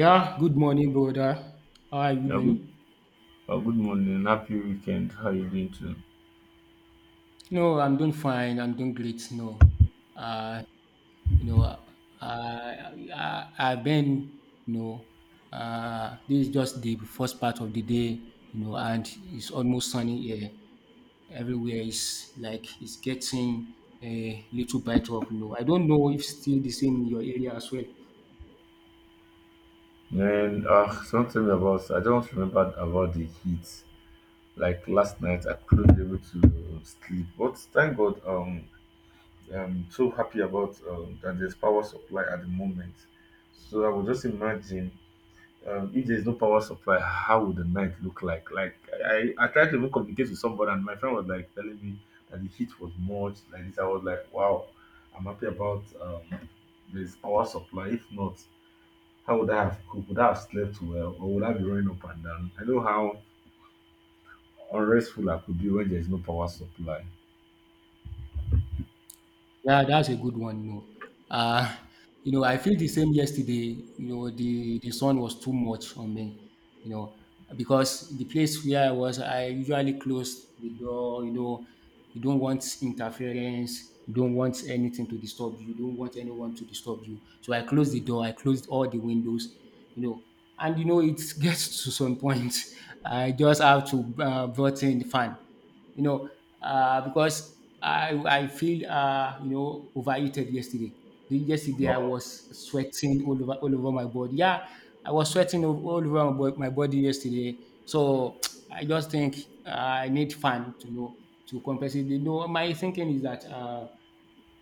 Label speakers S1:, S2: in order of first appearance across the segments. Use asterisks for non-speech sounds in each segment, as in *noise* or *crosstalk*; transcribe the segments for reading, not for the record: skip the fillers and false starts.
S1: Yeah, good morning, brother. How are you
S2: Yeah, good,
S1: doing?
S2: good morning. Happy weekend. How you doing too?
S1: No, I'm doing fine. I'm doing great. No, uh, you know, uh, I've been, you know, this is just the first part of the day, you know, and it's almost sunny here. Everywhere is like it's getting a little bit of, you know, I don't know if still the same in your area as well.
S2: Man, don't tell me about. I just remembered about the heat. Like last night, I couldn't able to sleep. But thank God, I'm so happy about that there's power supply at the moment. So I would just imagine if there's no power supply, how would the night look like? Like I tried to even communicate with somebody, and my friend was like telling me that the heat was much like this. I was like, wow, I'm happy about this power supply. If not, how would I have cooked? Would I have slept well, or would I be running up and down? I know how unrestful I could be when there's no power supply.
S1: Yeah, that's a good one. No, know. Uh, you know, I feel the same yesterday. You know, the sun was too much on me, you know, because the place where I was, I usually close the door, you know, you don't want interference, you don't want anything to disturb you, you don't want anyone to disturb you. So I closed the door, I closed all the windows, you know, and you know, it *laughs* gets to some point. I just have to brought in the fan, you know, because I feel, you know, overheated yesterday. Yesterday I was sweating all over my body. Yeah, I was sweating all over my body yesterday. So *tsk* I just think, uh, I need fun to know to compensate. You know, my thinking is that.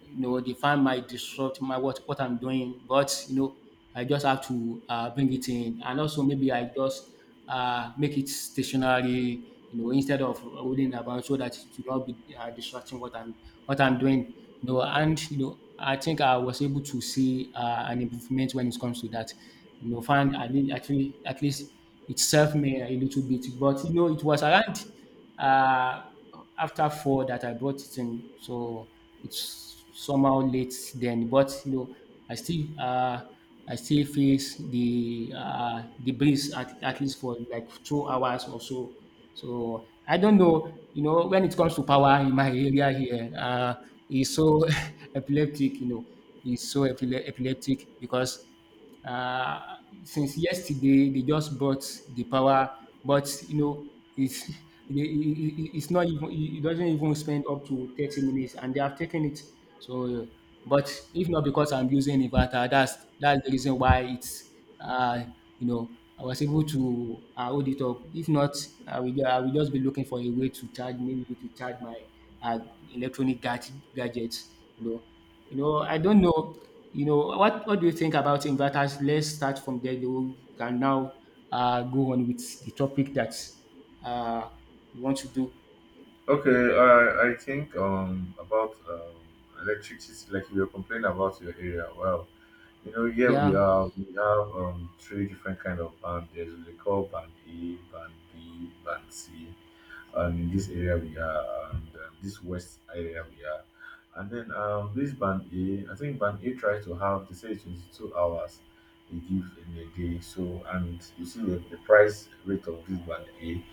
S1: You know, the fan might disrupt my what I'm doing. But you know, I just have to bring it in, and also maybe I just, make it stationary, you know, instead of rolling about so that it will not be, disrupting what I'm doing. You know, and you know, I think I was able to see, an improvement when it comes to that. You know, find I did actually, at least it served me a little bit, but you know, it was around. Uh, After four that I brought it in. So it's somehow late then, but you know, I still, I still face the, the breeze at least for like 2 hours or so. So I don't know, you know, when it comes to power in my area here, it's so *laughs* epileptic, you know, it's so epileptic because, uh, since yesterday, they just bought the power, but you know, it's *laughs* it's not even, it doesn't even spend up to 30 minutes, and they have taken it. So, but if not because I'm using inverter, that's the reason why it's, uh you know, I was able to, hold it up. If not, I will just be looking for a way to charge, maybe to charge my, uh, electronic gadgets. You know, I don't know, you know, what do you think about inverters? Let's start from there. You can now, go on with the topic that, uh, you want to do.
S2: Okay, I think about electricity, like you were complaining about your area. Well, you know, here we
S1: Yeah.
S2: have we have um three different kind of band. There's what they call band A, band B, band C, and in this area we are, and this west area we are. And then this band A, I think band A tries to have, they say it's 22 hours they give in a day. So, and you see the price rate of this band A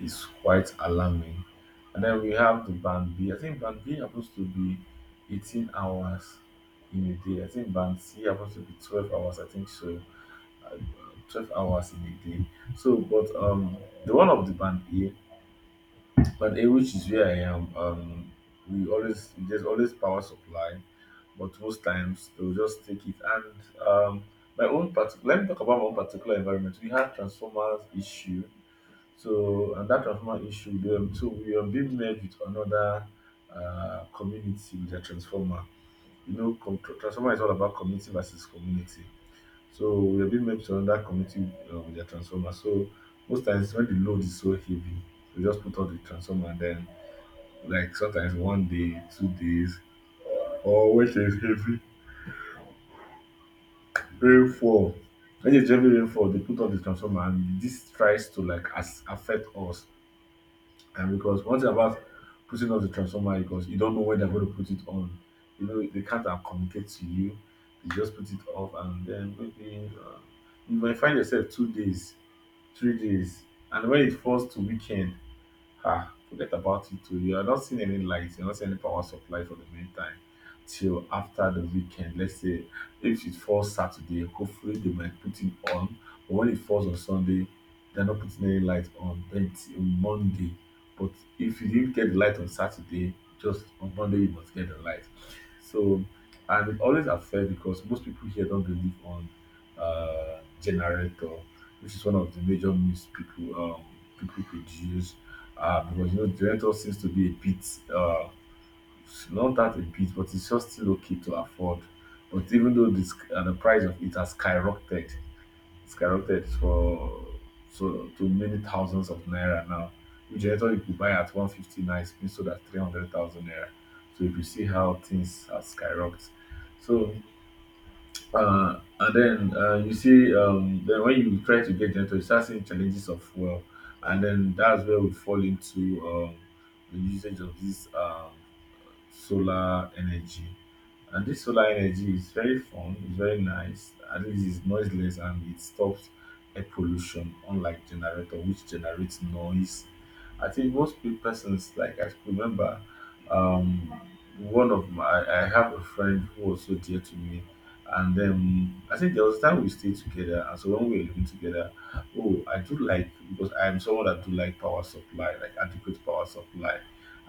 S2: is quite alarming. And then we have the band B. I think band B happens to be 18 hours in a day. I think band C happens to be 12 hours, I think so. Uh, 12 hours in a day. So, but the one of the band A but which is where I am. We always there's always power supply, but most times they'll just take it. And um, my own part. Let me talk about my own particular environment. We had transformers issue, so and that transformer issue. So we were being met with another community with a transformer. You know, transformer is all about community versus community. So we were being met with another community with a transformer. So most times when the load is so heavy, we just put out the transformer and then like sometimes 1 day, 2 days, or when there is heavy rainfall. When there's heavy rainfall, they put on the transformer, and this tries to like as affect us. And because one thing about putting on the transformer is because you don't know when they're going to put it on. You know, they can't communicate to you. They just put it off, and then maybe you might find yourself 2 days, 3 days, and when it falls to weekend, ah, forget about it too. You are not seeing any lights, you're not seeing any power supply for the meantime till after the weekend. Let's say if it falls Saturday, hopefully they might put it on. But when it falls on Sunday, they're not putting any light on until Monday. But if you didn't get the light on Saturday, just on Monday you must get the light. So and it always affects because most people here don't believe on generator, which is one of the major myths people people produce. Ah, because you know, Juventus seems to be a bit, uh, not that a bit, but it's just still okay to afford. But even though this, the price of it has skyrocketed, skyrocketed for so to many thousands of naira now. Which Juventus you could buy at 150 now, it's been sold at 300,000 naira. So if you see how things have skyrocketed. So and then you see then when you try to get into it, you start seeing challenges of well and then that's where we fall into the usage of this solar energy. And this solar energy is very fun, it's very nice, at least it's noiseless and it stops air pollution, unlike generator, which generates noise. I think most persons, like I remember, um, I have a friend who was so dear to me, and then I think there was a time we stayed together, and so when we were living together, oh, I do like because I am someone that do like power supply, like adequate power supply.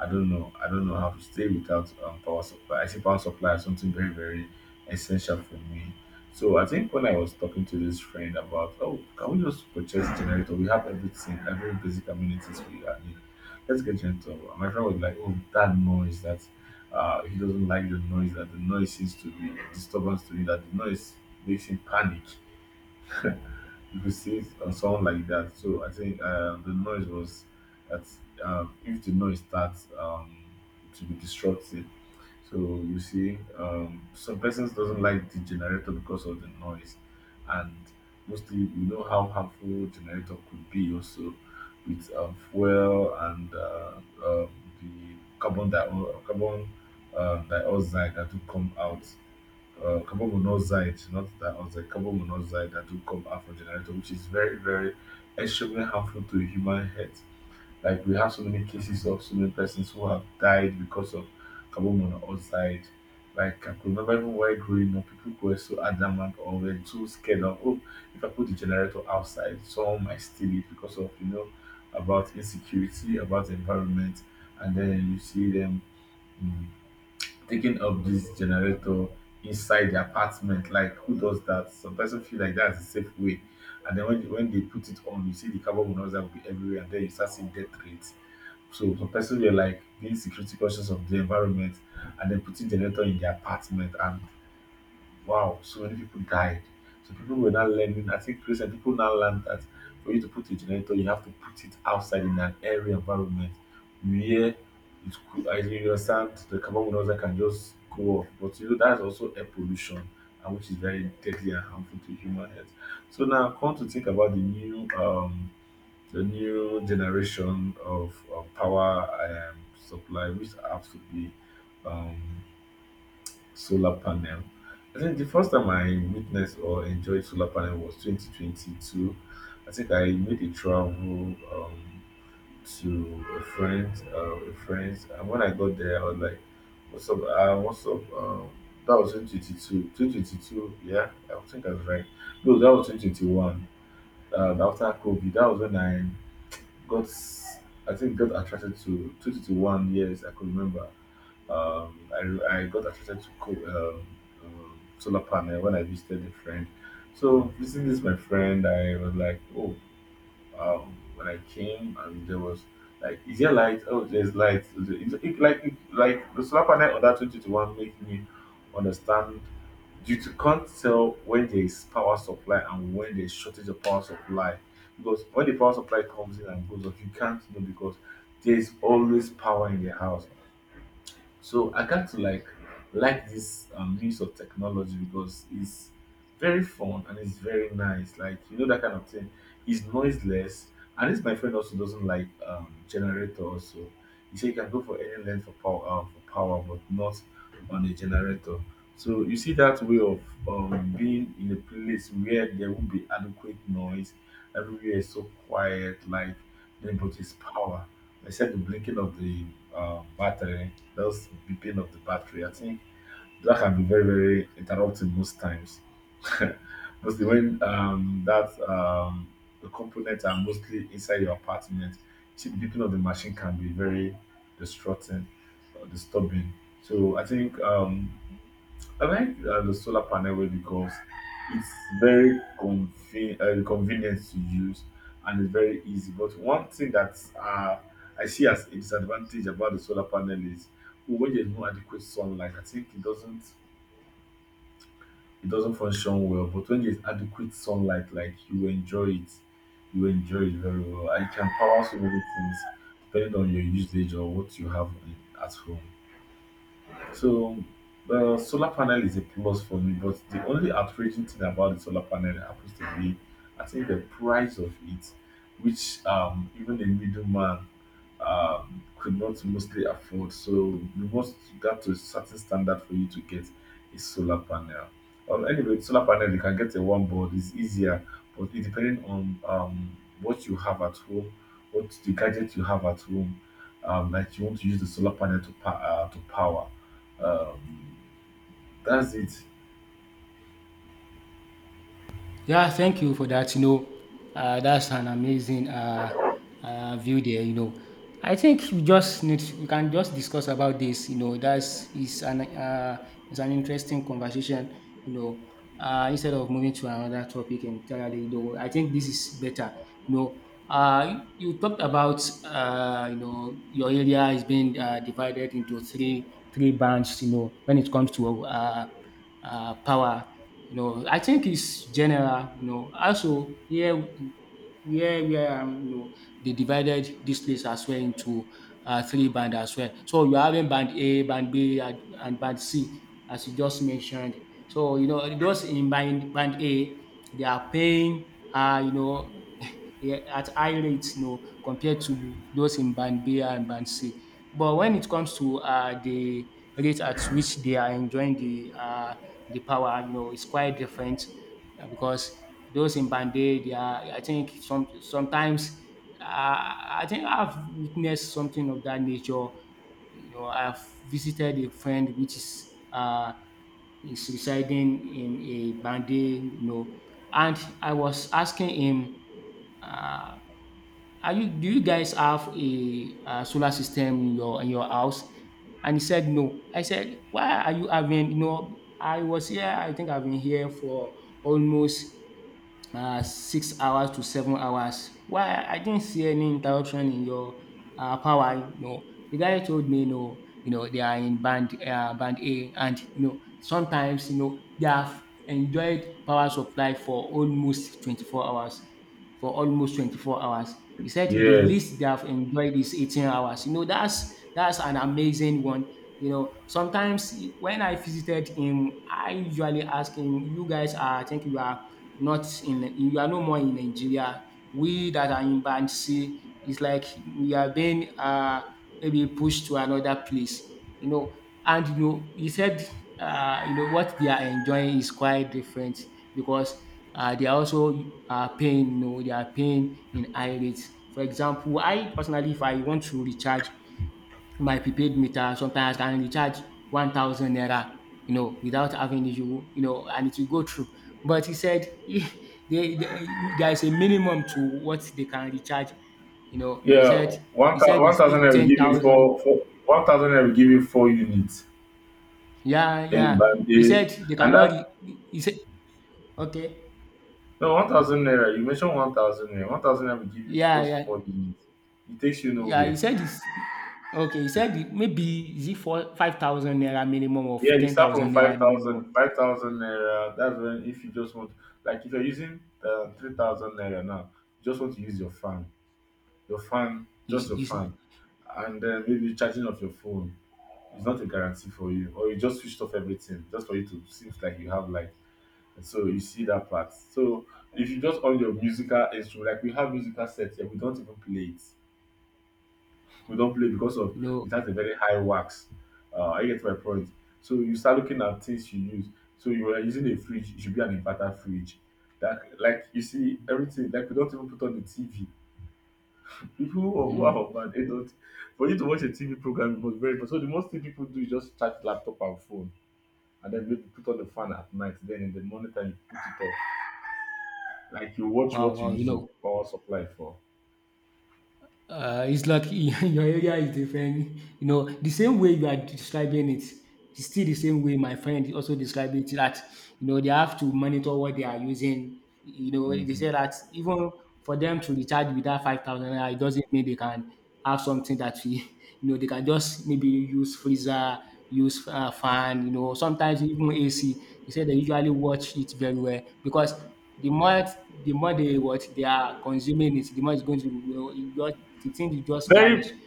S2: I don't know. I don't know how to stay without power supply. I see power supply as something very, very essential for me. So I think when I was talking to this friend about, oh, can we just purchase generator? We have everything, every basic amenities we are need. Let's get generator. And my friend was like, oh, that noise that he doesn't like the noise, that the noise seems to be disturbance to me, that the noise makes him panic. You could see it on someone like that. So I think the noise was that if the noise starts to be disruptive, so you see some persons doesn't like the generator because of the noise, and mostly we know how harmful generator could be also with fuel and um, the carbon dioxide, carbon dioxide that will come out, carbon monoxide, not that oxide, carbon monoxide that do come out from generator, which is very, very extremely harmful to human health. Like we have so many cases of so many persons who have died because of carbon monoxide. Like I could remember even while growing up, people were so adamant or were too scared of, oh, if I put the generator outside, someone might steal it because of you know about insecurity, about environment, and then you see them mm, taking up this generator inside the apartment. Like, who does that? Some person feel like that's a safe way. And then when they put it on, you see the carbon monoxide will be everywhere, and then you start seeing death rates. So some person were like being security conscious of the environment and then putting generator in their apartment and wow, so many people died. So people were now learning. I think recent people now learned that for you to put a generator, you have to put it outside in an airy environment where it could, as you understand, the carbon monoxide can just go off. But you know, that's also air pollution, and which is very deadly and harmful to human health. So now, come to think about the new generation of power supply, which has to be um, solar panel. I think the first time I witnessed or enjoyed solar panel was 2022. I think I made a travel to a friend, and when I got there, I was like, "What's up? What's up?" That was 2022. 2022, yeah, I think I was right. No, that was 2021. After COVID, that was when I got, I think, got attracted to 2021. Yes, I could remember. Um, I got attracted to solar panel when I visited a friend. So visiting this my friend, I was like, oh, when I came and there was like, is there light? Oh, there's light. Is it, like the solar panel on that 2021 made me understand you to can't tell when there is power supply and when there's shortage of power supply, because when the power supply comes in and goes off you can't know because there is always power in the house. So I got to like this use of technology because it's very fun and it's very nice. Like you know that kind of thing. It's noiseless, and this my friend also doesn't like generator. So he said you can go for any length for power, but not on a generator. So you see that way of being in a place where there won't be adequate noise. Everywhere is so quiet, like then but it's power. Except the blinking of the battery that's beeping of the battery. I think that can be very, very interrupting most times. *laughs* Mostly when that the components are mostly inside your apartment, see the beeping of the machine can be very distracting, or disturbing. So I think I like the solar panel way because it's very convenient to use and it's very easy. But one thing that I see as a disadvantage about the solar panel is when there's no adequate sunlight, I think it doesn't function well. But when there's adequate sunlight, like you enjoy it very well. And it can power so many things depending on your usage or what you have in, at home. So the solar panel is a plus for me, but the only outraging thing about the solar panel happens to be, I think, the price of it, which even a middleman, could not mostly afford. So you must got to a certain standard for you to get a solar panel. Anyway, solar panel you can get a one board it's easier, but it depending on what you have at home, what the gadget you have at home, that you want to use the solar panel to to power. Um, that's it.
S1: Yeah, thank you for that. You know, that's an amazing, view there. You know, I think we can just discuss about this. You know, that's is an it's an interesting conversation. You know, instead of moving to another topic entirely. You know, I think this is better. You know, you talked about, you know your area is being, divided into three bands. You know, when it comes to, power. You know, I think it's general. You know, also here where, you know they divided this place as well into, three band as well. So you're having band A, band B, and band C, as you just mentioned. So you know those in band A, they are paying, you know, yeah, at high rates, you know, compared to those in band B and band C. But when it comes to, the rate at which they are enjoying the, the power, you know, it's quite different, because those in band A, they are, I think, sometimes, uh, I think I've witnessed something of that nature. You know, I've visited a friend which is, is residing in a band A, you know, and I was asking him, uh, are you, do you guys have a, uh, solar system in your house? And he said no. I said, why are you having, you know, I was here, I think I've been here for almost, 6 hours to 7 hours. Why I didn't see any interruption in your, power. No, the guy told me no. You know they are in band A, and you know sometimes you know they have enjoyed power supply for almost 24 hours. For almost 24 hours, he said the
S2: Yes.
S1: least they have enjoyed is 18 hours. You know that's an amazing one. You know sometimes when I visited him, I usually ask him, "You guys are, I think you are not in, you are no more in Nigeria. We that are in band C, it's like we are being, maybe pushed to another place, you know." And you know, he said, you know, what they are enjoying is quite different because, they are also, paying, you know, they are paying in high rates. For example, I personally, if I want to recharge, my prepaid meter sometimes I can recharge 1,000 naira, you know, without having issue, you know, and it will go through. But he said *laughs* there is a minimum to what they can recharge. You know, they
S2: Yeah.
S1: said
S2: One
S1: he
S2: thousand.
S1: said
S2: One
S1: it's still
S2: thousand. I will
S1: ten
S2: give you four,
S1: thousand.
S2: 4 1,000. I will give you four units
S1: Yeah,
S2: in
S1: yeah. He
S2: Bambay,
S1: said they
S2: and
S1: cannot. He said okay.
S2: No, 1000 naira. You mentioned 1000 naira. 1000 naira will give you
S1: Yeah,
S2: just
S1: yeah,
S2: 4 minutes. It takes you
S1: yeah. He
S2: nowhere.
S1: said it's okay. He said it, maybe is it for 5,000 naira minimum,
S2: Yeah,
S1: of
S2: you
S1: ten
S2: start from
S1: thousand naira
S2: 5,000
S1: minimum.
S2: 5,000 naira. That's when, if you just want, like if you're using 3,000 naira now, you just want to use your fan. Your fan, just your
S1: Is
S2: fan.
S1: you
S2: And then maybe charging of your phone is not a guarantee for you. Or you just switched off everything just for you to seems like you have like. So you see that part. So if you just on your musical instrument, like we have musical sets here, we don't even play it, we don't play because of
S1: know.
S2: it has a very high wax. I get my point. So you start looking at things you use. So you are using a fridge, it should be an inverter fridge. That like you see everything. Like we don't even put on the TV. People who are,
S1: Mm.
S2: who are bad, they don't. For you to watch a TV program, it was very important. So the most thing people do is just charge laptop and phone, and then maybe put on the fan at night. Then in the morning time, you put it off. Like you watch
S1: Wow,
S2: what you
S1: wow, you
S2: use your
S1: know,
S2: power supply for.
S1: it's like *laughs* your area is different. You know, the same way you are describing it, it's still the same way my friend is also describing it, that, you know, they have to monitor what they are using. You know, they
S2: Mhm.
S1: say that even for them to recharge with that 5,000, it doesn't mean they can have something that, we, *laughs* you know, they can just maybe use freezer, use, fan, you know, sometimes even AC. They say they usually watch it very well because the more the more they what they are consuming it, the more it's going to, well, you just, the thing will just vanish.
S2: Very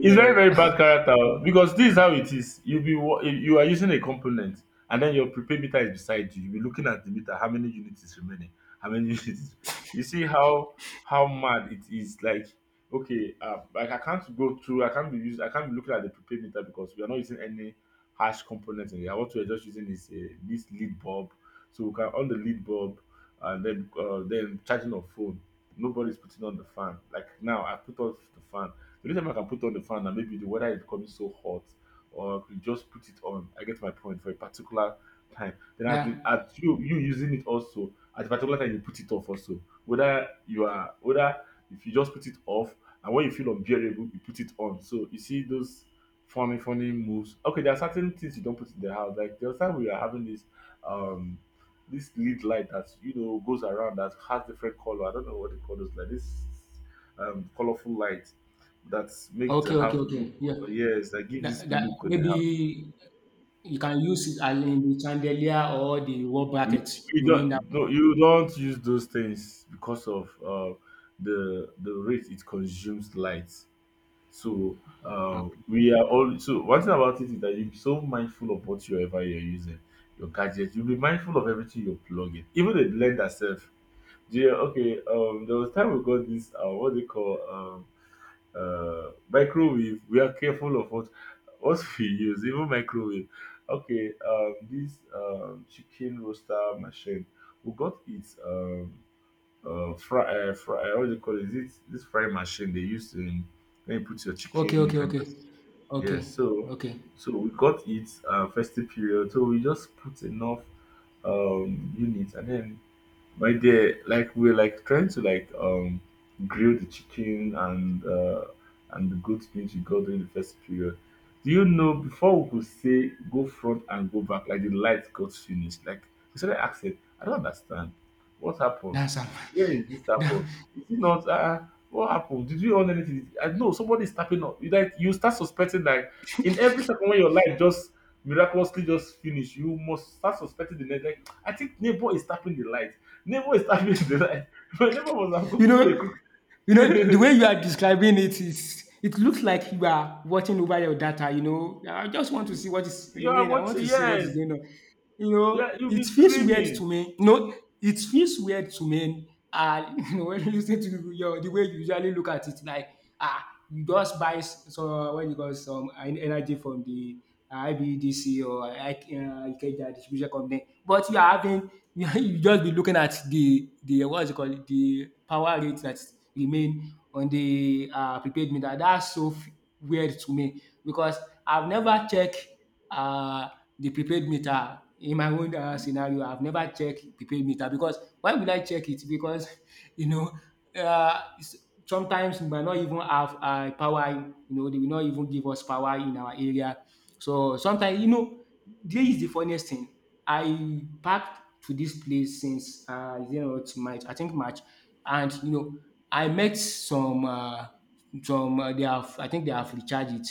S2: It's very, very bad character,
S1: *laughs*
S2: because this is how it is. You be you are using a component, and then your prepaid meter is beside you. You be looking at the meter, how many units is remaining, how many *laughs* units. You see how mad it is. Like okay, like I can't go through. I can't be used. I can't be looking at the prepaid meter because we are not using any harsh components in here. What we are just using is this lead bulb. So we can on the lead bulb, and then charging of phone. Nobody's putting on the fan. Like now, I put off the fan. The only time I can put on the fan and maybe the weather is becoming so hot, or I could just put it on. I get my point for a particular time. Then at, the,
S1: yeah.
S2: at you using it also at a particular time you put it off also. Whether if you just put it off and when you feel unbearable you put it on. So you see those funny funny moves. Okay, there are certain things you don't put in the house. Like the other time we are having um this lead light that goes around, that has different color. I don't know what they call those, like this colorful light that make the
S1: Okay, okay,
S2: house
S1: okay.
S2: look,
S1: Yeah.
S2: yes, that give
S1: That,
S2: this
S1: that
S2: look on the
S1: maybe
S2: house.
S1: you can use it as in the chandelier or the wall
S2: you,
S1: bracket.
S2: you
S1: You mean that?
S2: don't no you don't use those things because of the rate it consumes light. So
S1: Okay,
S2: we are all, so one thing about it is that you be so mindful of what you ever you're using. Your gadgets, you'll be mindful of everything you're plugging, even the blender self. Yeah, okay, there was time we got this, what they call, microwave, we are careful of what *laughs* we use, even microwave. Okay, this chicken roaster machine, we got it. Fry, what do you call it? This fry machine they use in, when you put your
S1: okay,
S2: chicken, you
S1: okay,
S2: can
S1: okay,
S2: just, yeah.
S1: okay,
S2: So,
S1: okay.
S2: so we got it festive period. So we just put enough units, and then my dear, like we're like trying to like grill the chicken and the goat meat we got during the first period. Do you know, before we could say go front and go back, like the light got finished. Like we started asking, I don't understand. What happened?
S1: That's am.
S2: Where is this happen?
S1: *laughs*
S2: Is it not what happened? Did you own anything? I know somebody is tapping up. You like you start suspecting, like in every second, when your light just miraculously just finish, you must start suspecting the next, like I think neighbor is tapping the light. Nemo is tackling the line. *laughs* But Nemo must have gone
S1: You
S2: through a
S1: know,
S2: crook. *laughs*
S1: you know the
S2: You,
S1: way you are describing it, is it looks like you are watching over your data. You know, I just want to see what is
S2: you are
S1: remaining. I want
S2: watching,
S1: to see what is
S2: yes.
S1: going on. You
S2: Yeah,
S1: know,
S2: you'll be
S1: it feels weird to
S2: screaming.
S1: me. You know, it feels weird to me. *laughs* You know, when you listen to your, the way you usually look at it, like, ah, you just so what you got some energy from the, IBDC or Ikeja distribution company. But you are having *laughs* you just be looking at the, what's it called, the power rate that remain on the, prepaid meter. That's so weird to me because I've never checked, uh, the prepaid meter in my own, scenario. I've never checked prepaid meter because why would I check it? Because *laughs* you know, sometimes we might not even have, power. You know they will not even give us power in our area, so sometimes, you know, there is the funniest thing. I packed to this place since, you know, it's March, I think March, and you know, I met some, some, they have, I think they have recharged it.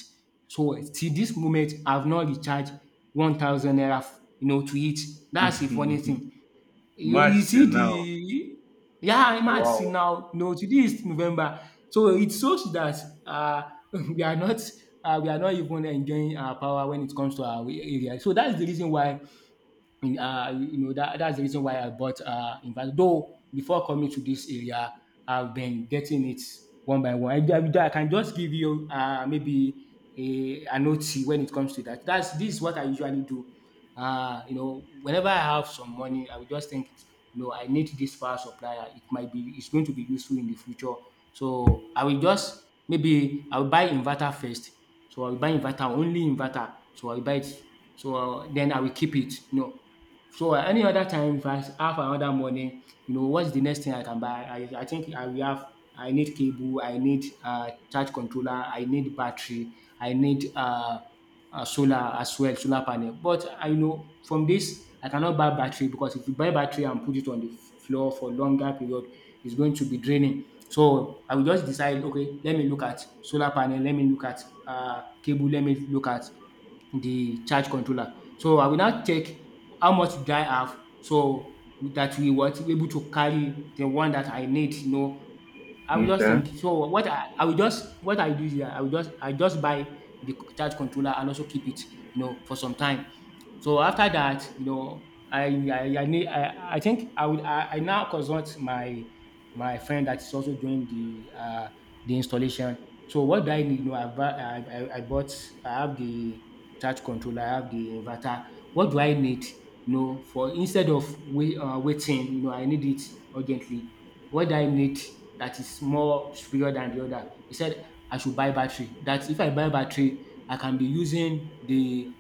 S1: So till this moment, I've not recharged 1,000 naira, you know, to it. That's the funny
S2: *laughs*
S1: thing. You
S2: March till
S1: see
S2: now.
S1: the, yeah, March till
S2: Wow.
S1: now. No, today is November. So it shows that, uh, *laughs* we are not, we are not even enjoying our power when it comes to our area. So that's the reason why in, you know, that's the reason why I bought invite. Though before coming to this area, I've been getting it one by one. I can just give you maybe an OT when it comes to that. That's this is what I usually do, you know, whenever I have some money, I will just think, you know, I need this power supplier. It's going to be useful in the future. So I will just, maybe I will buy inverter first. So I will buy inverter, only inverter. So I will buy it. So then I will keep it. So at any other time if I have another money, what's the next thing I can buy? I think I will have I need cable, I need charge controller, I need battery, I need solar as well, solar panel. But I know from this I cannot buy battery because if you buy battery and put it on the floor for longer period, it's going to be draining. So I will just decide, okay, let me look at solar panel, let me look at cable, let me look at the charge controller. So I will now check how much do I have so that we were able to carry the one that I need. I will just
S2: Okay.
S1: think. So what I do is that I just buy the charge controller and also keep it, for some time. So after I now consult my friend that is also doing the installation. So what do I need? I, bu- I bought I have the charge controller, I have the inverter. What do I need? For instead of waiting, I need it urgently. What do I need that is more superior than the other? He said I should buy battery. That if I buy battery, I can be using the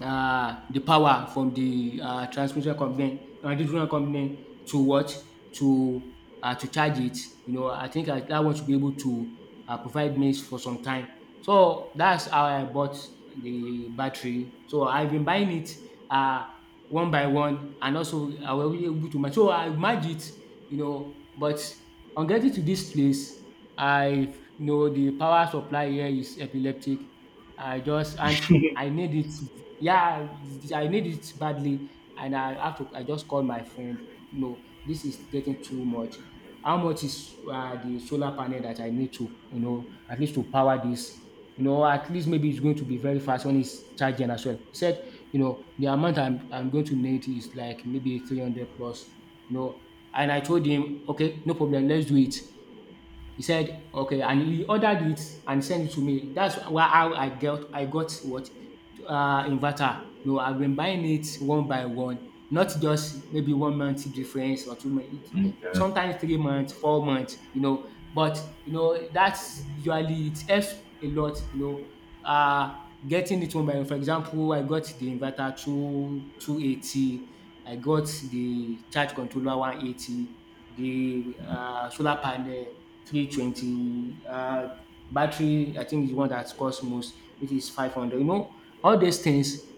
S1: um the power from the transmission company, distribution company to what? To to charge it. I think that one should be able to provide maize for some time. So that's how I bought the battery. So I've been buying it um one by one, and also I was really able to match. So I match it, but on getting to this place, I you know the power supply here is epileptic. I just and I need it, yeah, I need it badly, and I have to. I just call my friend. No, this is getting too much. How much is the solar panel that I need to, at least to power this? At least maybe it's going to be very fast when it's charging as well. He said, the amount I'm going to need is like maybe 300 plus, you know. And I told him, okay, no problem, let's do it. He said, "Okay," and he ordered it and sent it to me. That's why, how I got what, inverter. No, I've been buying it one by one, not just maybe 1 month difference or 2 months. It,
S2: Okay.
S1: sometimes 3 months, 4 months. But that's usually, it helps a lot. Uh getting it one by one. For example, I got the inverter two two eighty. I got the charge controller 180. The solar panel 320. Battery, I think, is the one that costs most, which is 500. All these things.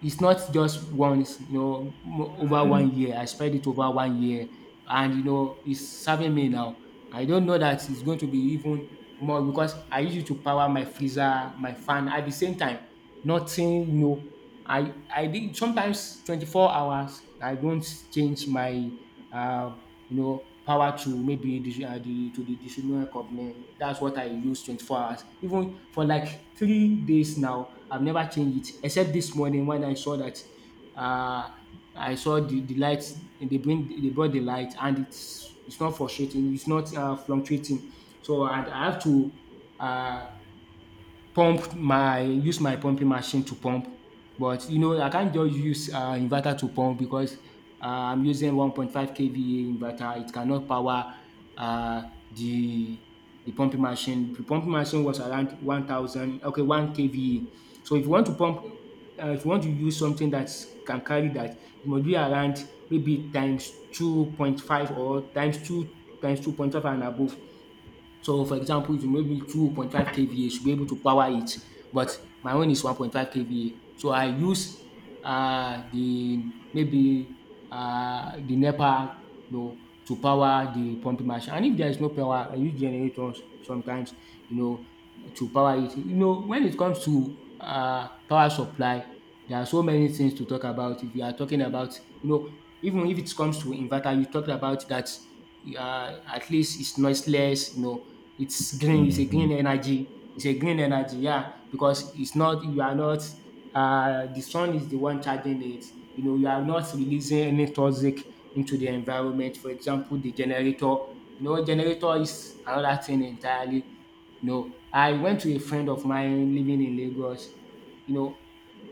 S1: It's not just once. Over 1 year. I spread it over 1 year, and it's serving me now. I don't know that it's going to be even more because I use it to power my freezer, my fan at the same time. Nothing. I did sometimes 24 hours. I don't change my uh, power to maybe the to the distribution company. That's what I use 24 hours. Even for like 3 days now, I've never changed it except this morning when uh I saw the lights. They brought the light, and it's not frustrating. It's not fluctuating. So I have to uh, pump my use my pumping machine to pump. But I can't just use inverter to pump, because I'm using 1.5 kVA inverter. It cannot power uh, the the pumping machine. The pumping machine was around 1,000, okay, 1 kVA. So if you want to pump, if you want to use something that can carry that, it must be around maybe times 2.5 or times 2, times 2.5 and above. So for example, if you maybe 2.5 kVA, you should be able to power it. But my own is 1.5 kVA. So I use uh, the maybe the NEPA, you know, to power the pumping machine. And if there is no power, I use generators sometimes, you know, to power it. When it comes to power supply, there are so many things to talk about. If you are talking about, even if it comes to inverter, you talked about that, at least it's noiseless, it's green. It's a
S2: Mm-hmm.
S1: green energy. It's a green energy. Yeah, because it's not, you are not, the sun is the one charging it. You are not releasing any toxic into the environment. For example, the generator. Generator is another thing entirely. I went to a friend of mine living in Lagos. You know,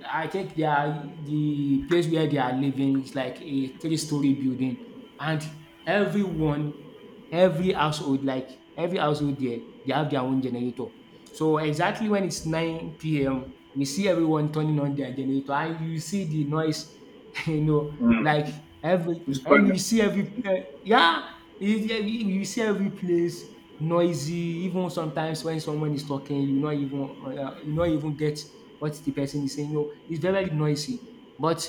S1: I think the place where they are living is like a three-story building, and everyone, every household, like every household there, they have their own generator. So exactly when it's 9 p.m., we see everyone turning on their generator, and you see the noise, *laughs* like
S2: Mm. It's quite.
S1: every you see every, yeah, you see every place noisy. Even sometimes when someone is talking, you not even get what the person is saying. It's very noisy. But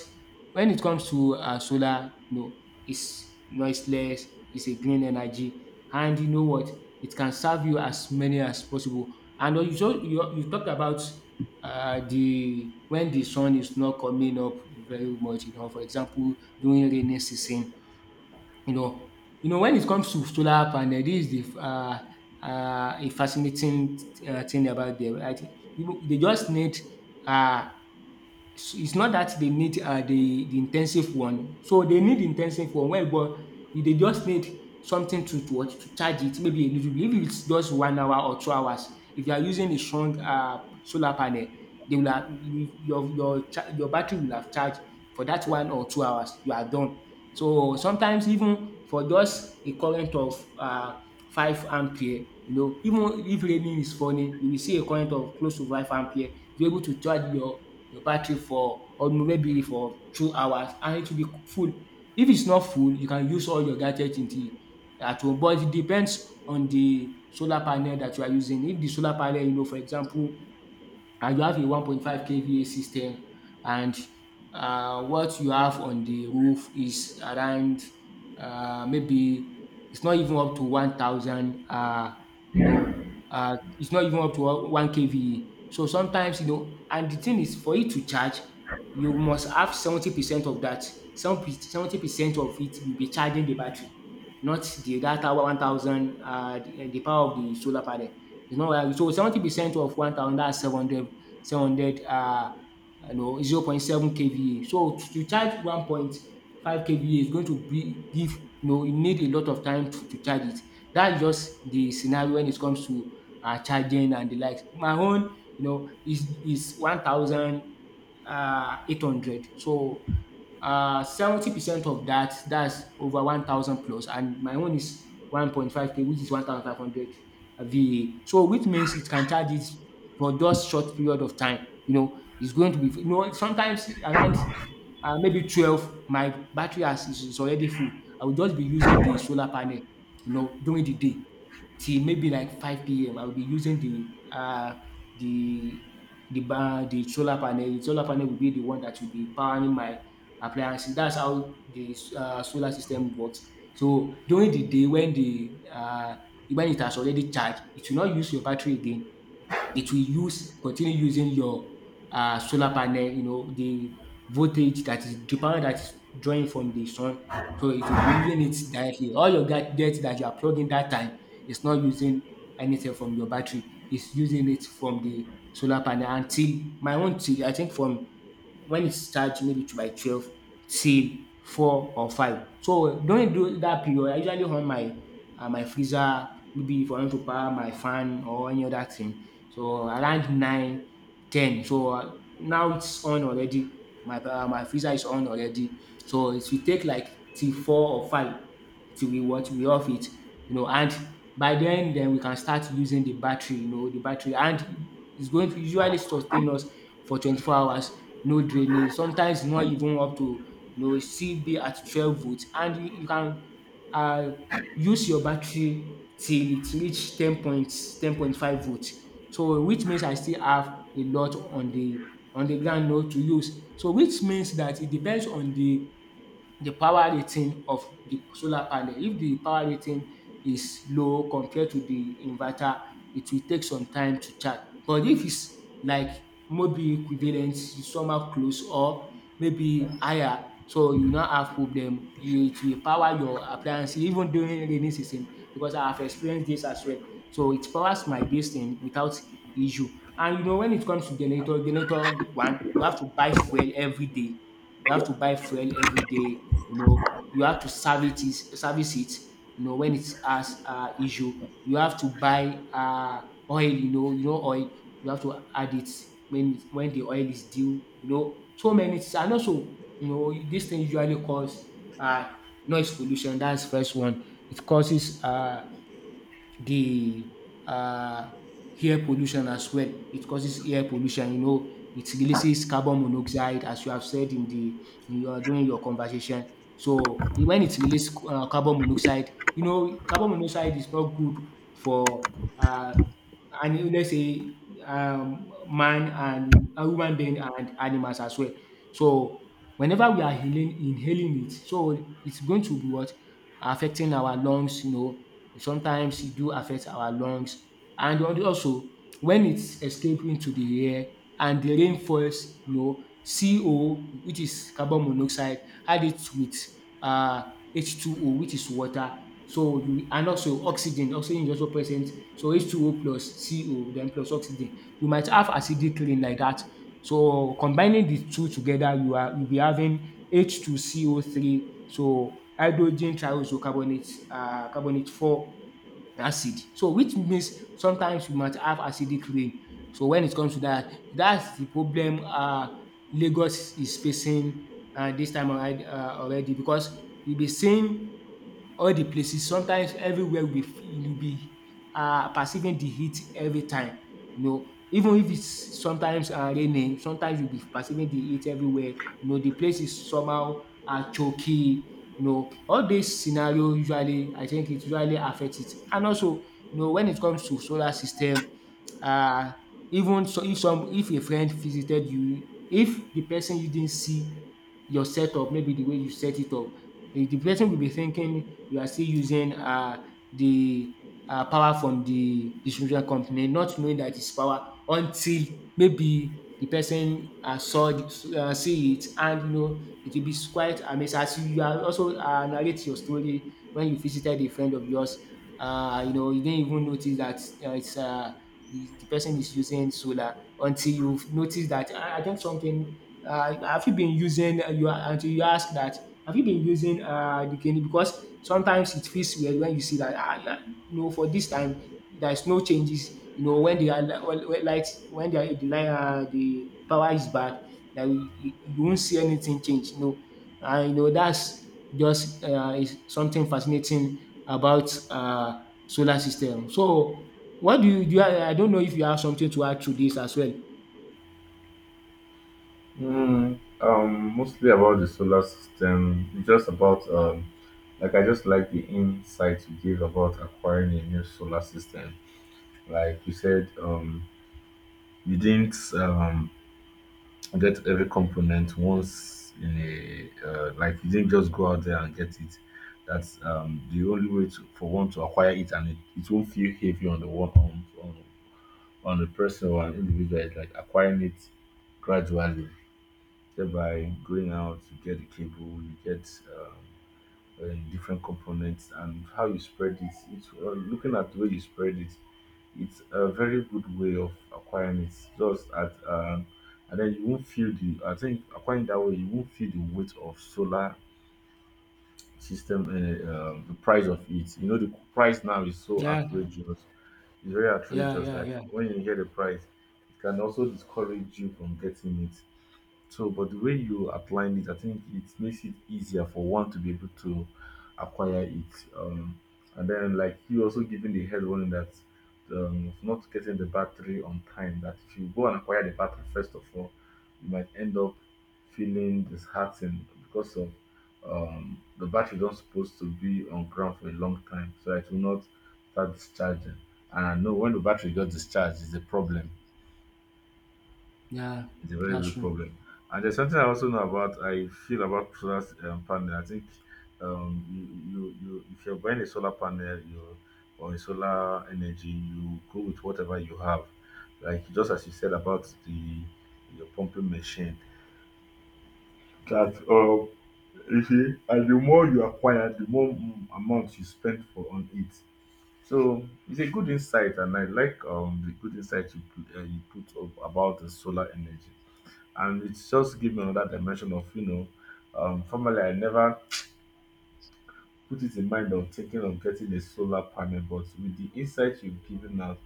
S1: when it comes to solar, no. It's noiseless, it's a green energy, and you know what? It can serve you as many as possible. And you talked about the when the sun is not coming up very much, for example, during rainy season. you know, when it comes to solar panel, this is the a fascinating thing about them. I think you, they just need uh, it's not that they need the intensive one. So they need intensive one, well, but they just need something to what to charge it, maybe a little bit, if it's just 1 hour or 2 hours. If you are using a strong solar panel, they will have you- your cha- your battery will have charged. For that 1 or 2 hours, you are done. So sometimes, even for just a current of 5 ampere, even if raining is falling, you will see a current of close to 5 ampere, you able to charge your battery for or maybe for 2 hours, and it will be full. If it's not full, you can use all your gadget until at home, but it depends on the solar panel that you are using. If the solar panel, for example, and you have a 1.5 kva system, and what you have on the roof is around, maybe it's not even up to 1,000, you know it's not even up to 1 kva, so sometimes, and the thing is, for it to charge you must have 70% of that. 70% of it will be charging the battery, not the that 1,000, the power of the solar panel. It's not like so. 70% of 1,000, that's seven hundred, seven hundred, 0.7 KVA. So to charge 1.5 KVA is going to be, give you know you need a lot of time to charge it. That is just the scenario when it comes to charging and the likes. My own, is 1,000 800, so 70% of that, that's over 1,000 plus, and my own is 1.5K, which is 1500 VA, so which means it can charge it for just short period of time. It's going to be, sometimes around maybe 12 my battery is already full. I will just be using the solar panel, during the day, till maybe like 5 p.m. I'll be using the the solar panel. The solar panel will be the one that will be powering my appliances. That's how the solar system works. So during the day when the when it has already charged, it will not use your battery again, it will use continue using your solar panel, the voltage, that is the power that is drawing from the sun. So it will be using it directly. All your gadgets that you are plugging that time is not using anything from your battery. It's using it from the solar panel until my own, till I think, from when it starts maybe to by 12, till 4 or 5. So during do that period, I usually on my freezer, maybe if I want to power my fan or any other thing. So around 9, 10. Now it's on already. My freezer is on already. So it will take like till 4 or 5, till we what? We off it, you know, and by then we can start using the battery, and it's going to usually sustain us for 24 hours, no draining, sometimes not even up to, you know, it still be at 12 volts, and you can uh, use your battery till it reach 10 points, 10.5 volts. So which means I still have a lot on the ground now to use. So which means that it depends on the power rating of the solar panel. If the power rating is low compared to the inverter, it will take some time to charge. But if it's like maybe equivalent, somehow close, or maybe higher, so you no have problem. It will power your appliance even during rainy season, because I have experienced this as well. So it powers my this thing without issue. And you know, when it comes to generator, generator one, you have to buy fuel every day. You have to buy fuel every day. You know, you have to service it, service it. You know, when it has issue, you have to buy oil. You know oil. You have to add it when the oil is due. You know, so many things. And also, you know, this thing usually cause uh, noise pollution. That's first one. It causes the uh, air pollution as well. It causes air pollution. You know, it releases carbon monoxide, as you have said in the in your during your conversation. So when it releases carbon monoxide, you know, carbon monoxide is not good for uh, and let's say man and a human being, and animals as well. So whenever we are inhaling it, so it's going to be what affecting our lungs. You know, sometimes it do affect our lungs. And also, when it's escaping into the air and the rain falls, you know, CO, which is carbon monoxide, add it with uh H2O, which is water. So you, and also oxygen, oxygen is also present, so H2O plus CO then plus oxygen. You might have acidic rain like that. So combining the two together, you'll be having H2CO3, so hydrogen triisocarbonate, carbonate four acid. So which means sometimes you might have acidic rain. So when it comes to that, that's the problem Lagos is facing dis time around already, because you'll be seeing all the places. Sometimes everywhere we f you'll be perceiving the heat every time, you know. Even if it's sometimes raining, sometimes you'll be perceiving the heat everywhere. You know, the place is somehow choky, you know. All these scenario usually, I think, it usually affect it. And also, you know, when it comes to solar system, uh even so, if some if a friend visited you, if the person you didn't see your setup, maybe the way you set it up, if the person will be thinking you are still using the power from the distribution company, not knowing that it's power. Until maybe the person saw see it. And you know, it will be quite amazing, as you are also narrate your story when you visited a friend of yours. You know, you didn't even notice that it's the person is using solar until you've noticed that. I think something. Have you been using? You, until you ask that. Have you been using the kidney? Because sometimes it feels weird when you see that. You know, for this time, there is no changes. You know, when they are li- when light, when they are, the light, the power is bad, that you won't see anything change, you know. And you know, that's just is something fascinating about solar system. So what do you do? I don't know if you have something to add to this as well.
S2: Mostly about the solar system, just about like I just like the insight you gave about acquiring a new solar system. Like you said, you didn't get every component once, in a like you didn't just go out there and get it. That's the only way to, for one to acquire it, and it won't feel heavy on the one on on the person or an individual. It's like acquiring it gradually, thereby going out, you get the cable, you get um, different components, and how you spread it. It's looking at the way you spread it. It's a very good way of acquiring it. Just at and then you won't feel the. I think acquiring that way, you won't feel the weight of solar system and the price of it. You know the price now is so
S1: Yeah,
S2: outrageous. It's very
S1: yeah,
S2: outrageous.
S1: yeah,
S2: Like
S1: yeah,
S2: when you hear the price, it can also discourage you from getting it. So, but the way you outlined it, I think it makes it easier for one to be able to acquire it. And then, like you also giving the head warning that, of not getting the battery on time, that if you go and acquire the battery first of all, you might end up feeling disheartened because of, the battery not supposed to be on ground for a long time, so it will not start discharging. And no, when the battery got discharged, is a problem,
S1: yeah.
S2: it's a very
S1: That's
S2: big
S1: true.
S2: problem. And there's something I also know about. I feel about solar panel. I think um, you, if you're buying a solar panel or a solar energy, you go with whatever you have. Like just as you said about the your pumping machine, that, you see, and the more you acquire, the more, amount you spend for on it. So it's a good insight, and I like the good insight you put up about the solar energy, and it just give me another dimension of, formerly I never put it in mind of thinking of getting a solar panel. But with the insight you've given out,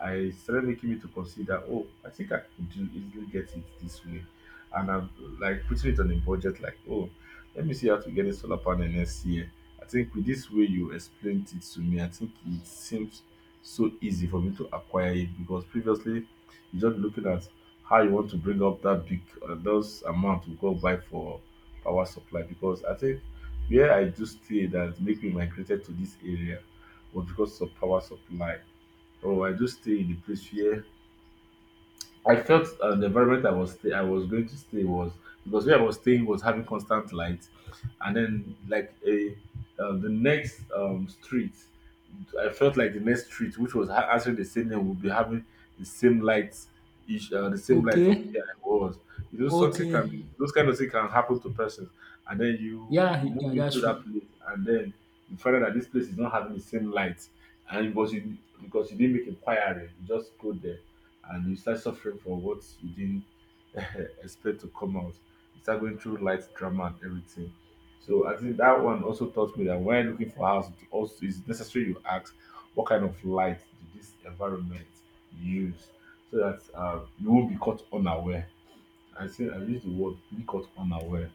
S2: I it started making me to consider, oh, I think I could do easily get it this way, and I'm like putting it on a budget, like, oh, let me see how to get a solar panel next year. I think with this way you explained it to me, I think it seems so easy for me to acquire it, because previously you just looking at how you want to bring up that big, those amount to go buy for power supply. Because I think where I do stay that make me migrated to this area was because of power supply. Oh, I do stay in the place wia. I felt the environment I was going to stay was, because where I was staying was having constant light, and then like a the next street, I felt like the next street, which was answering the same name, would be having the same lights, each the same light of
S1: Okay,
S2: where I was. You know, something can
S1: okay.
S2: be those kind of things can happen to persons, and then you
S1: Yeah,
S2: move
S1: yeah, that's
S2: into
S1: true.
S2: that place, and then you find out that this place is not having the same light, and because you didn't make inquiry, you just go there and you start suffering for what you didn't *laughs* expect to come out. You start going through light drama and everything. So I think that one also taught me that when looking for house, it also is necessary you ask what kind of light did this environment use so that you won't be caught unaware. I say I use the word "be caught unaware."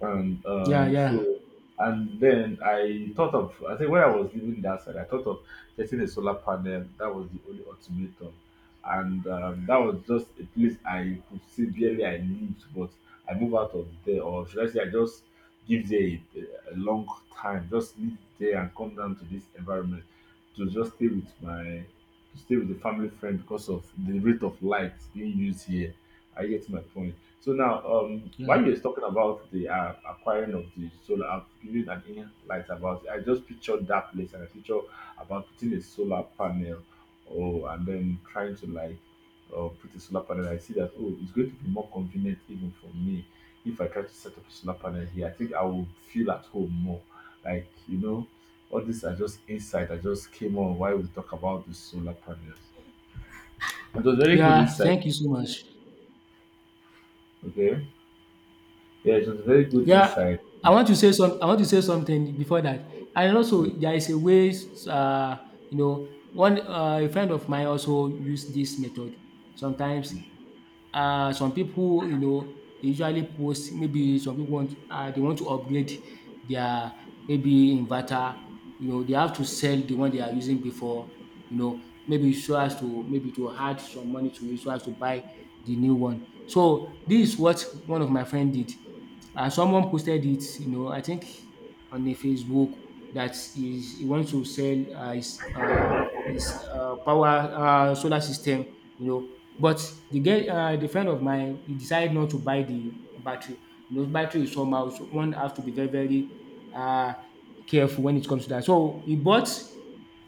S2: and
S1: Yeah,
S2: um
S1: yeah,
S2: so and then I thought of, I think when I was leaving that side, I thought of getting a solar panel. That was the only ultimatum. And that was just a place I could see barely I lived, but I moved out of there, or should I say I just give there a long time just live there and come down to this environment to just stay with my to stay with the family friend because of the rate of light being used here. I get my point. So now,
S1: yeah,
S2: while you're talking about the acquiring of the solar, I've given an inner light about it. I just pictured that place and I picture about putting a solar panel, oh, and then trying to like put a solar panel. I see that, oh, it's going to be more convenient even for me if I try to set up a solar panel here. I think I will feel at home more. Like you know, all these are just insight I just came on while we talk about the solar panel. It was very good
S1: yeah.
S2: insight.
S1: Thank you so much.
S2: Okay, yeah, it was very good
S1: Yeah,
S2: insight.
S1: I want to say something before that. And also, there is a ways you know one a friend of mine also use this method. Sometimes some people, you know, they usually post, maybe some people want they want to upgrade their maybe inverter, you know. They have to sell the one they are using before, you know, maybe so as to maybe to add some money to it, so as to buy the new one. So this is what one of my friend did. And someone posted it, you know, I think, on the Facebook, that is, he wants to sell his power solar system, you know. But the friend of mine, he decided not to buy the battery. You know, battery is somehow, so one has to be very, very uh, careful when it comes to that. So he bought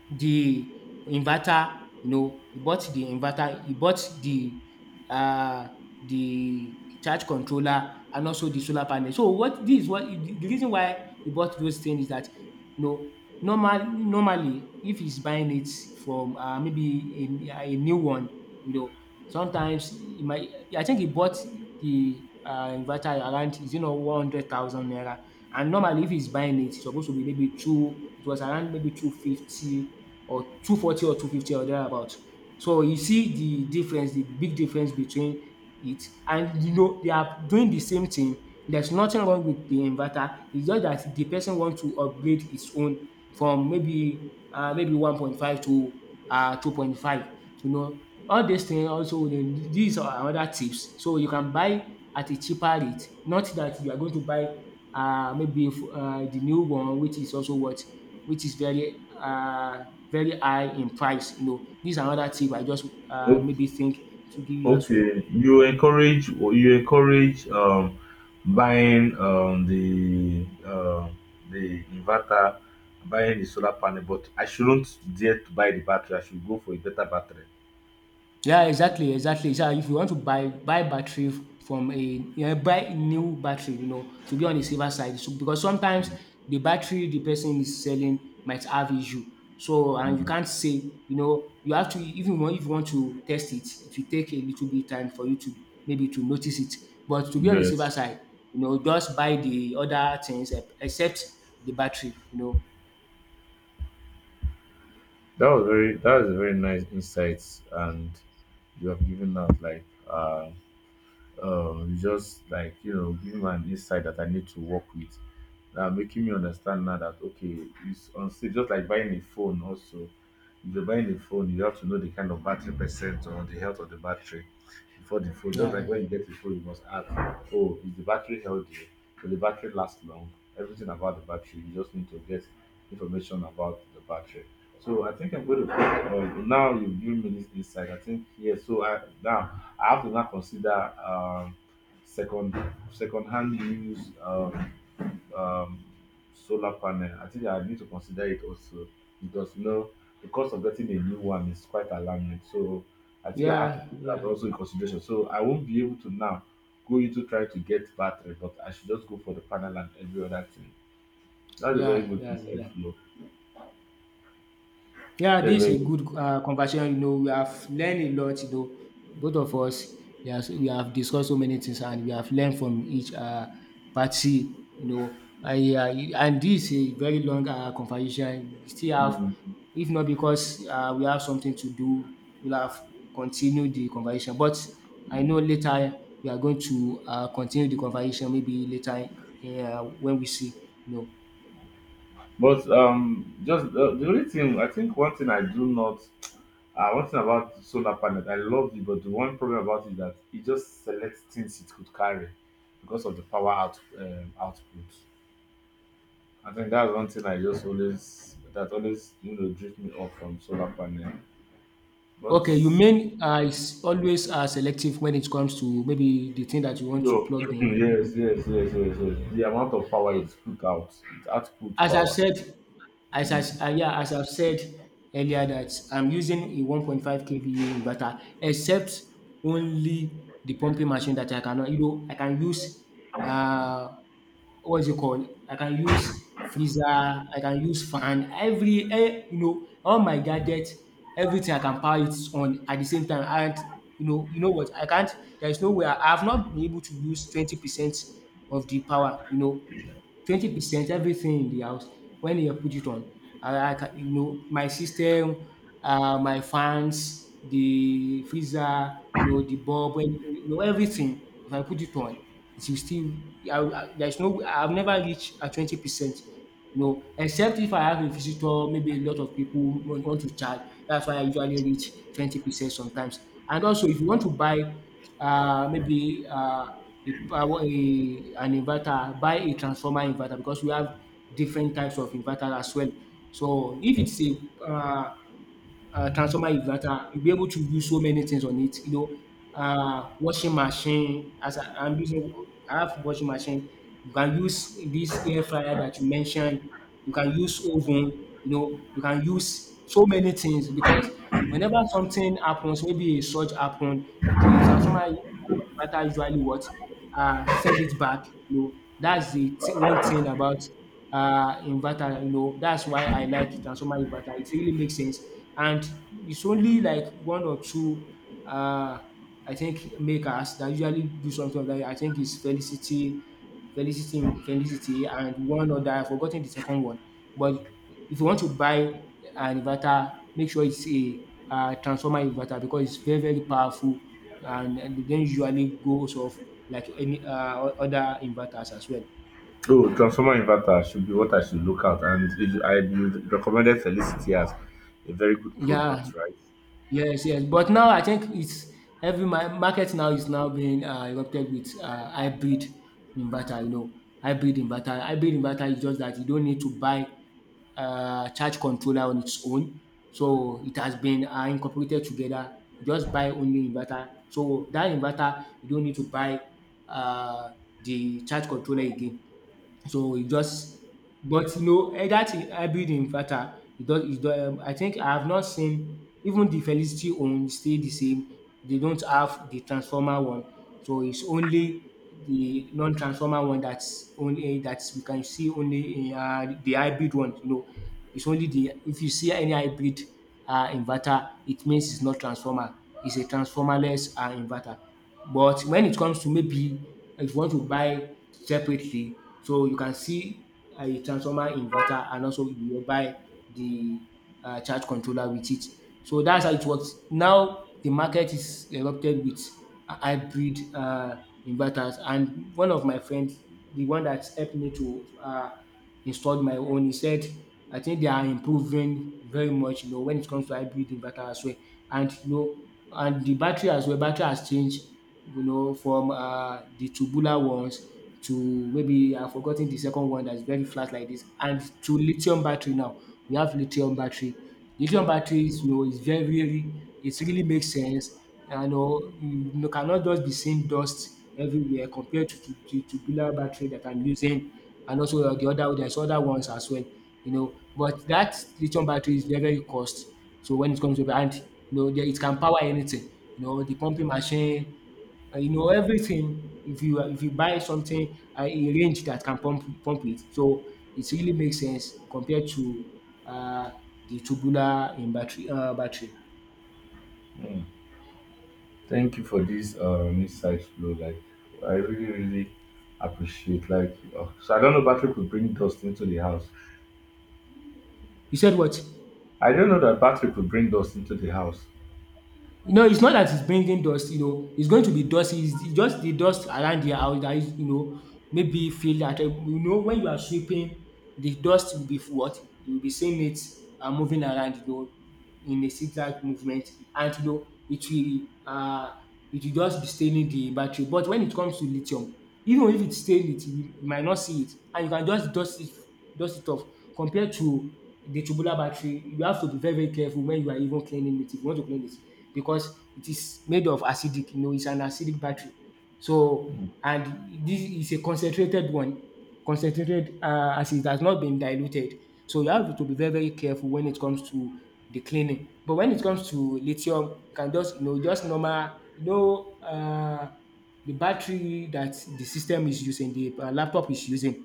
S1: the inverter. You know, he bought the inverter, he bought uh the charge controller and also the solar panel. So what this is what the reason why he bought those things is that, you know, normally, if he's buying it from maybe a new one, you know, sometimes he might, I think he bought the inverter around, is it not 100,000 naira? And normally, if he's buying it, it's supposed to be maybe two, it was around maybe 250, or 240, or 250, or thereabout. So you see the big difference between it. And you know, they are doing the same thing. There's nothing wrong with the inverter. It's just that the person wants to upgrade his own from maybe 1.5 to 2.5. You know, all these things, also dem, these are another tips. So you can buy at a cheaper rate, not that you are going to buy the new one, which is also what, which is very high in price, you know. These are another tip I just
S2: No.
S1: maybe think to give you as well.
S2: Okay, you encourage buying the inverter, buying the solar panel, but I shouldn't dare to buy the battery. I should go for a better battery.
S1: Yeah, exactly, exactly. So if you want to buy battery from buy new battery, you know, to be on the safer side. So because sometimes
S2: Mm.
S1: the battery the person is selling might have issue. So, and you
S2: Mm.
S1: can't say, you know, you have to, if you want, to test it, it will take a little bit time for you to maybe to notice it. But to be on the safer
S2: Yes,
S1: side, you know, just buy the other things, except the battery, you know.
S2: that was a very nice insights, and you have given us like you just like, you know, giving me an insight that I need to work with, making me understand now that, okay, it's on stage just like buying a phone. Also, if you're buying a phone, you have to know the kind of battery percent or the health of the battery before the phone. Just like
S1: Yeah.
S2: when you get a phone, you must ask, oh, is the battery healthy? Will the battery last long? Everything about the battery, you just need to get information about the battery. So I think I'm going to put, now you've given me this insight. I think, yeah, so I now I have to now consider second second-hand use um, solar panel. I think I need to consider it also because, you know, the cost of getting a new one is quite alarming. So I think I have to
S1: Yeah,
S2: put that
S1: yeah,
S2: also in consideration. So I won't be able to now go into trying to get battery, but I should just go for the panel and every other thing. That's a very
S1: yeah,
S2: good
S1: yeah,
S2: insight,
S1: yeah.
S2: Flo.
S1: Yeah,
S2: That's a
S1: this
S2: very
S1: is a
S2: good.
S1: good conversation. You know, we have learned a lot. You know, both of us, we have, discussed so many things, and we have learned from each party. You know, and this is a very long conversation. We still have,
S2: Mm.
S1: if not because we have something to do, we'll have continued the conversation. But I know later we are going to continue the conversation. Maybe later, when we see, you know.
S2: But just the only thing, I think one thing I do not. One thing about solar panel that I love it, but the one problem about it is that it just selects things it could carry because of the power out, output. I think that's one thing I just always, that always, you know, drift me off from solar panel. But
S1: Okay, you mean, is always, selective when it comes to maybe the thing that you want to
S2: no, *clears throat*
S1: plug in.
S2: yes, yes, yes, yes, yes. The amount of power it put out, it output
S1: As I've
S2: power.
S1: said, as
S2: Mm.
S1: I yeah, as I've said earlier, that I'm using a 1.5 kVA inverter, except only the pumping machine that I cannot, you know, I can use, uh what's it called? I can use freezer, I can use fan, every you know, all my gadgets, everything I can power it on at the same time. And you know what? I can't. There is no way. I have not been able to use 20% of the power. You know, 20% everything in the house when you put it on. I can, you know, my system, my fans, the freezer, you know, the bulb, and, you know, everything. If I put it on, it will still. There's no. I've never reached a 20%, you know, except if I have a visitor, maybe a lot of people want to charge. That's why I usually reach 20% sometimes. And also, if you want to buy maybe a power, a, an inverter, buy a transformer inverter because we have different types of inverter as well. So if it's a transformer inverter, you'll be able to do so many things on it. You know, washing machine. As I'm using, I have washing machine. You can use this air fryer that you mentioned. You can use oven. You know, you can use so many things because whenever something happens, maybe a surge happened, the transformer better usually what, send it back. You know, that's the one thing about inverter. You know, that's why I like transformer inverter. It really makes sense, and it's only like one or two. Uh, I think makers that usually do something like that. I think it's Felicity and one other, I've forgotten the second one. But if you want to buy an inverter, make sure it's a transformer inverter because it's very, very powerful and then usually goes off like any other inverters as well.
S2: Oh, transformer inverter should be what I should look at, and it, I you recommended Felicity as a very good
S1: Yeah,
S2: product, right?
S1: yes, yes. But now I think it's every market now is now being erupted with hybrid inverter. You know, hybrid inverter. Hybrid inverter is just that you don't need to buy charge controller on its own. So it has been incorporated together. You just buy only inverter. So that inverter, you don't need to buy uh, the charge controller again. So it just. But that in hybrid inverter it does. I think I have not seen even the Felicity own stay the same. They don't have the transformer one. So it's only the non-transformer one that's only that we can see only in the hybrid one. You know, it's only the if you see any hybrid inverter, it means it's not transformer. It's a transformerless inverter. But when it comes to maybe if you want to buy separately, so you can see a transformer inverter and also you will buy the charge controller with it. So that's how it works. Now the market is erupted with hybrid inverters, and one of my friends, the one that helped me to installed my own. He said, I think they are improving very much, you know, when it comes to hybrid inverter as well. And the battery as well, battery has changed, you know, from the tubular ones to maybe I've forgotten the second one that's very flat like this, and to lithium battery now. We have lithium battery. Lithium batteries, you know, is very, very, it really makes sense. You know, you cannot just be seeing dust everywhere compared to the tubular battery that I'm using, and also there's other ones as well, you know. But that lithium battery is very, very cost. So when it comes to, and you know, it can power anything, you know, the pumping machine, you know, everything. If you buy something, a range that can pump it, so it really makes sense compared to uh, the tubular in battery battery.
S2: Thank you for this insight, bro. Like I really, really appreciate. Like so, I don't know battery could bring dust into the house.
S1: You said what?
S2: I don't know that battery could bring dust into the house.
S1: No, it's not that it's bringing dust, you know, it's going to be dusty, it's just the dust around the house that is, you know, maybe feel that, you know, when you are sweeping, the dust will be what? You'll be seeing it moving around, you know, in a zigzag movement. And, you know, it will just be staining the battery. But when it comes to lithium, even if it stain it, you might not see it. And you can just dust it off. Compared to the tubular battery, you have to be very, very careful when you are even cleaning it if you want to clean it, because it is made of acidic, you know, it's an acidic battery. So, and this is a concentrated one, concentrated, as it has not been diluted. So you have to be very, very careful when it comes to the cleaning. But when it comes to lithium, you can just, you know, just normal, you know, the battery that the system is using, the laptop is using.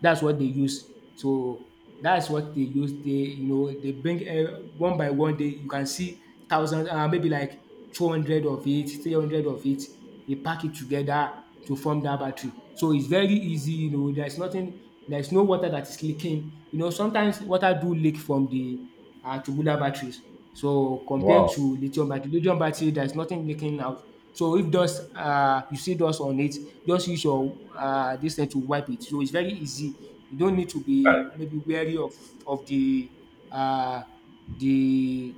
S1: That's what they use. So that's what they use. They you know they bring, one by one, they you can see 1,000, maybe like 200 of it, 300 of it. They pack it together to form that battery. So it's very easy, you know, there's no water that is leaking. You know, sometimes water do leak from the are tubular batteries. So compared
S2: Wow.
S1: to lithium battery there's nothing leaking out. So if dust you see dust on it, just use your this thing to wipe it. So it's very easy. You don't need to be
S2: Right.
S1: maybe wary of uh, the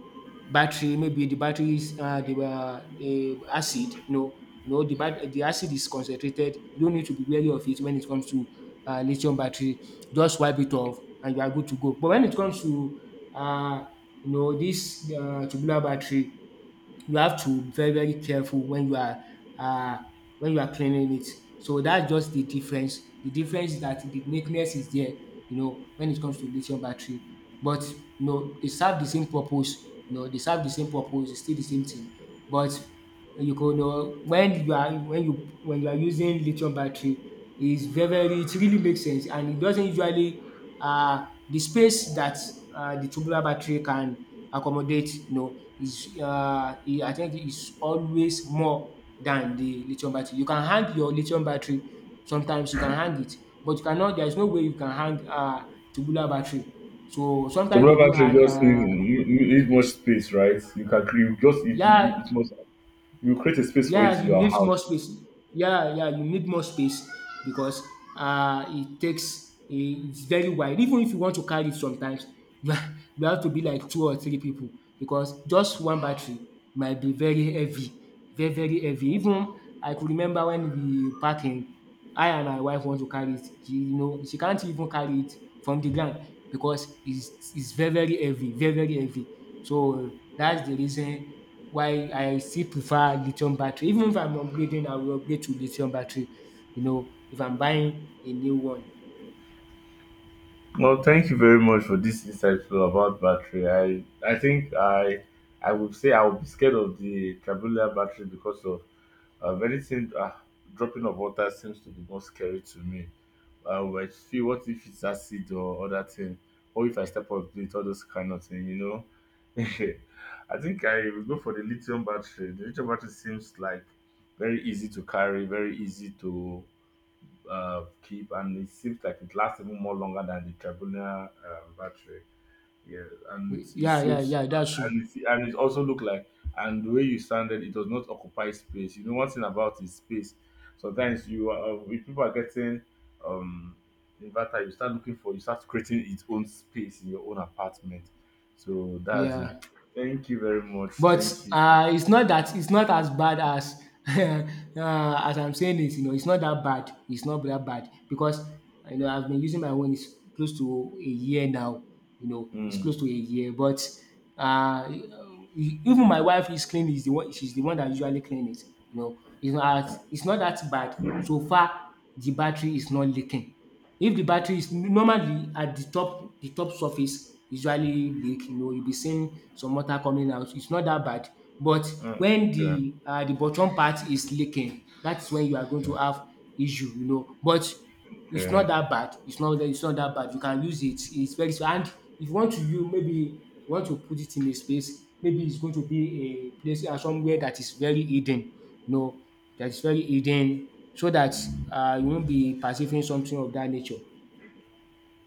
S1: battery, maybe the battery is the acid. No, no, the acid is concentrated, you don't need to be wary of it when it comes to lithium battery. Just wipe it off and you are good to go, but when it comes to uh, you know, this tubular battery, you have to be very, very careful when uh, you are cleaning it. So that's just the difference. The difference is that the neatness is there, you know, when it comes to lithium battery. But you know, they serve the same purpose, you know, they serve the same purpose, it's still the same thing. But you could, when you are using lithium battery, is very, very, it really makes sense, and it doesn't usually the space that the tubular battery can accommodate, you know, is I think is always more than the lithium battery. You can hang your lithium battery, sometimes you can hang it, but you cannot there is no way you can hang tubular battery. So sometimes they
S2: Tomorrow
S1: do
S2: battery
S1: hang,
S2: just need you, you need much space, right? You can create just it,
S1: yeah.
S2: it must you create a space for it
S1: Yeah,
S2: in
S1: you
S2: your
S1: need more
S2: house.
S1: space. Yeah, yeah, you need more space because it's very wide. Even if you want to carry it sometimes, *laughs* you have to be like two or three people because just one battery might be very heavy, very, very heavy. Even I could remember when we park in, I and my wife want to carry it. She you know she can't even carry it from the ground because it's very, very heavy, very, very heavy. So that's the reason why I still prefer lithium battery. Even if I'm upgrading, I will upgrade to lithium battery. You know, if I'm buying a new one.
S2: Well, thank you very much for this insightful about battery. I think I would say I would be scared of the traveler battery because of anything dropping of water seems to be more scary to me. But see, what if it's acid or other thing, or if I step on it, all those kind of thing, you know. *laughs* I think I will go for the lithium battery. The lithium battery seems like very easy to carry, very easy to clip, and it seems like it lasts even more longer than the Tribuna battery. Yeah, and it
S1: Yeah, yeah,
S2: seems,
S1: yeah, that's true.
S2: and it also looked like, and the way you sounded, it does not occupy space. You know, one thing about is space. Sometimes you, if people are getting um inverter, you start looking for, you start creating its own space in your own apartment. So that's it.
S1: Yeah.
S2: Thank you very much.
S1: But
S2: Thank you.
S1: it's not that, it's not as bad as *laughs* as I'm saying it. You know, it's not that bad. It's not that bad because you know I've been using my own. It's close to a year now. You know, it's
S2: Mm,
S1: close to a year. But uh, even my wife is cleaning. Is the one. She's the one that usually clean it. You know, it's not. It's not that bad so far. The battery is not leaking. If the battery is normally at the top surface usually leak, you know, you be seeing some water coming out. It's not that bad. But
S2: mm,
S1: when
S2: okay.
S1: the bottom part is leaking, that's when you are going to
S2: Hmm.
S1: have issue, you know. But it's not
S2: Okay.
S1: that bad. It's not that. It's not that bad. You can use it. It's very small. And if you want to put it in a space, maybe it's going to be a place somewhere that is very hidden. No, that is very hidden so that you won't be perceiving something of that nature.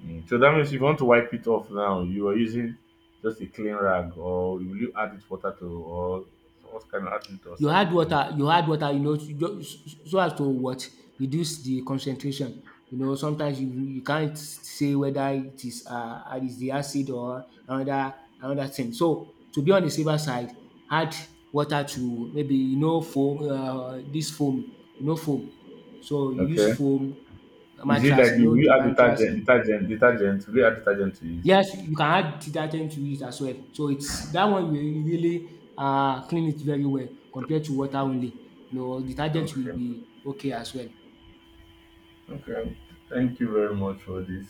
S2: Mm, so that means if you want to wipe it off now, you are using just a clean rag or will you add it water to or what kind of adjunct or
S1: You add
S2: salicylic clean?
S1: water you add water so as to what? Reduce the concentration. You know, sometimes you can't say whether it is the acid or another thing. So to be on the safer side, add water to maybe, you know, foam, this foam, you know, foam. So you use
S2: Okay.
S1: foam,
S2: Is it
S1: mattress,
S2: like
S1: you
S2: you
S1: know,
S2: will you
S1: the
S2: add
S1: mattress.
S2: detergent, detergent? Will you add detergent to it?
S1: Yes, you can add detergent to it as well. So it's that one will really clean it very well compared to water only. You know, detergent will
S2: Okay.
S1: be okay as well.
S2: Okay. Thank you very much for this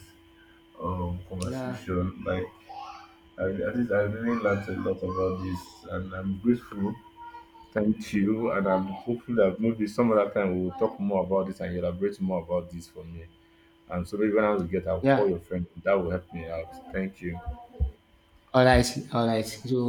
S1: Yeah,
S2: conversation. Like I, at least I really learned a lot about this and I'm grateful. Thank you. And I'm hopeful that maybe some other time we'll talk more about this and elaborate more about this for me. And so maybe when I want to get, I'll call
S1: yeah.
S2: your friend. That will help me out. Thank you.
S1: Alright, alright. So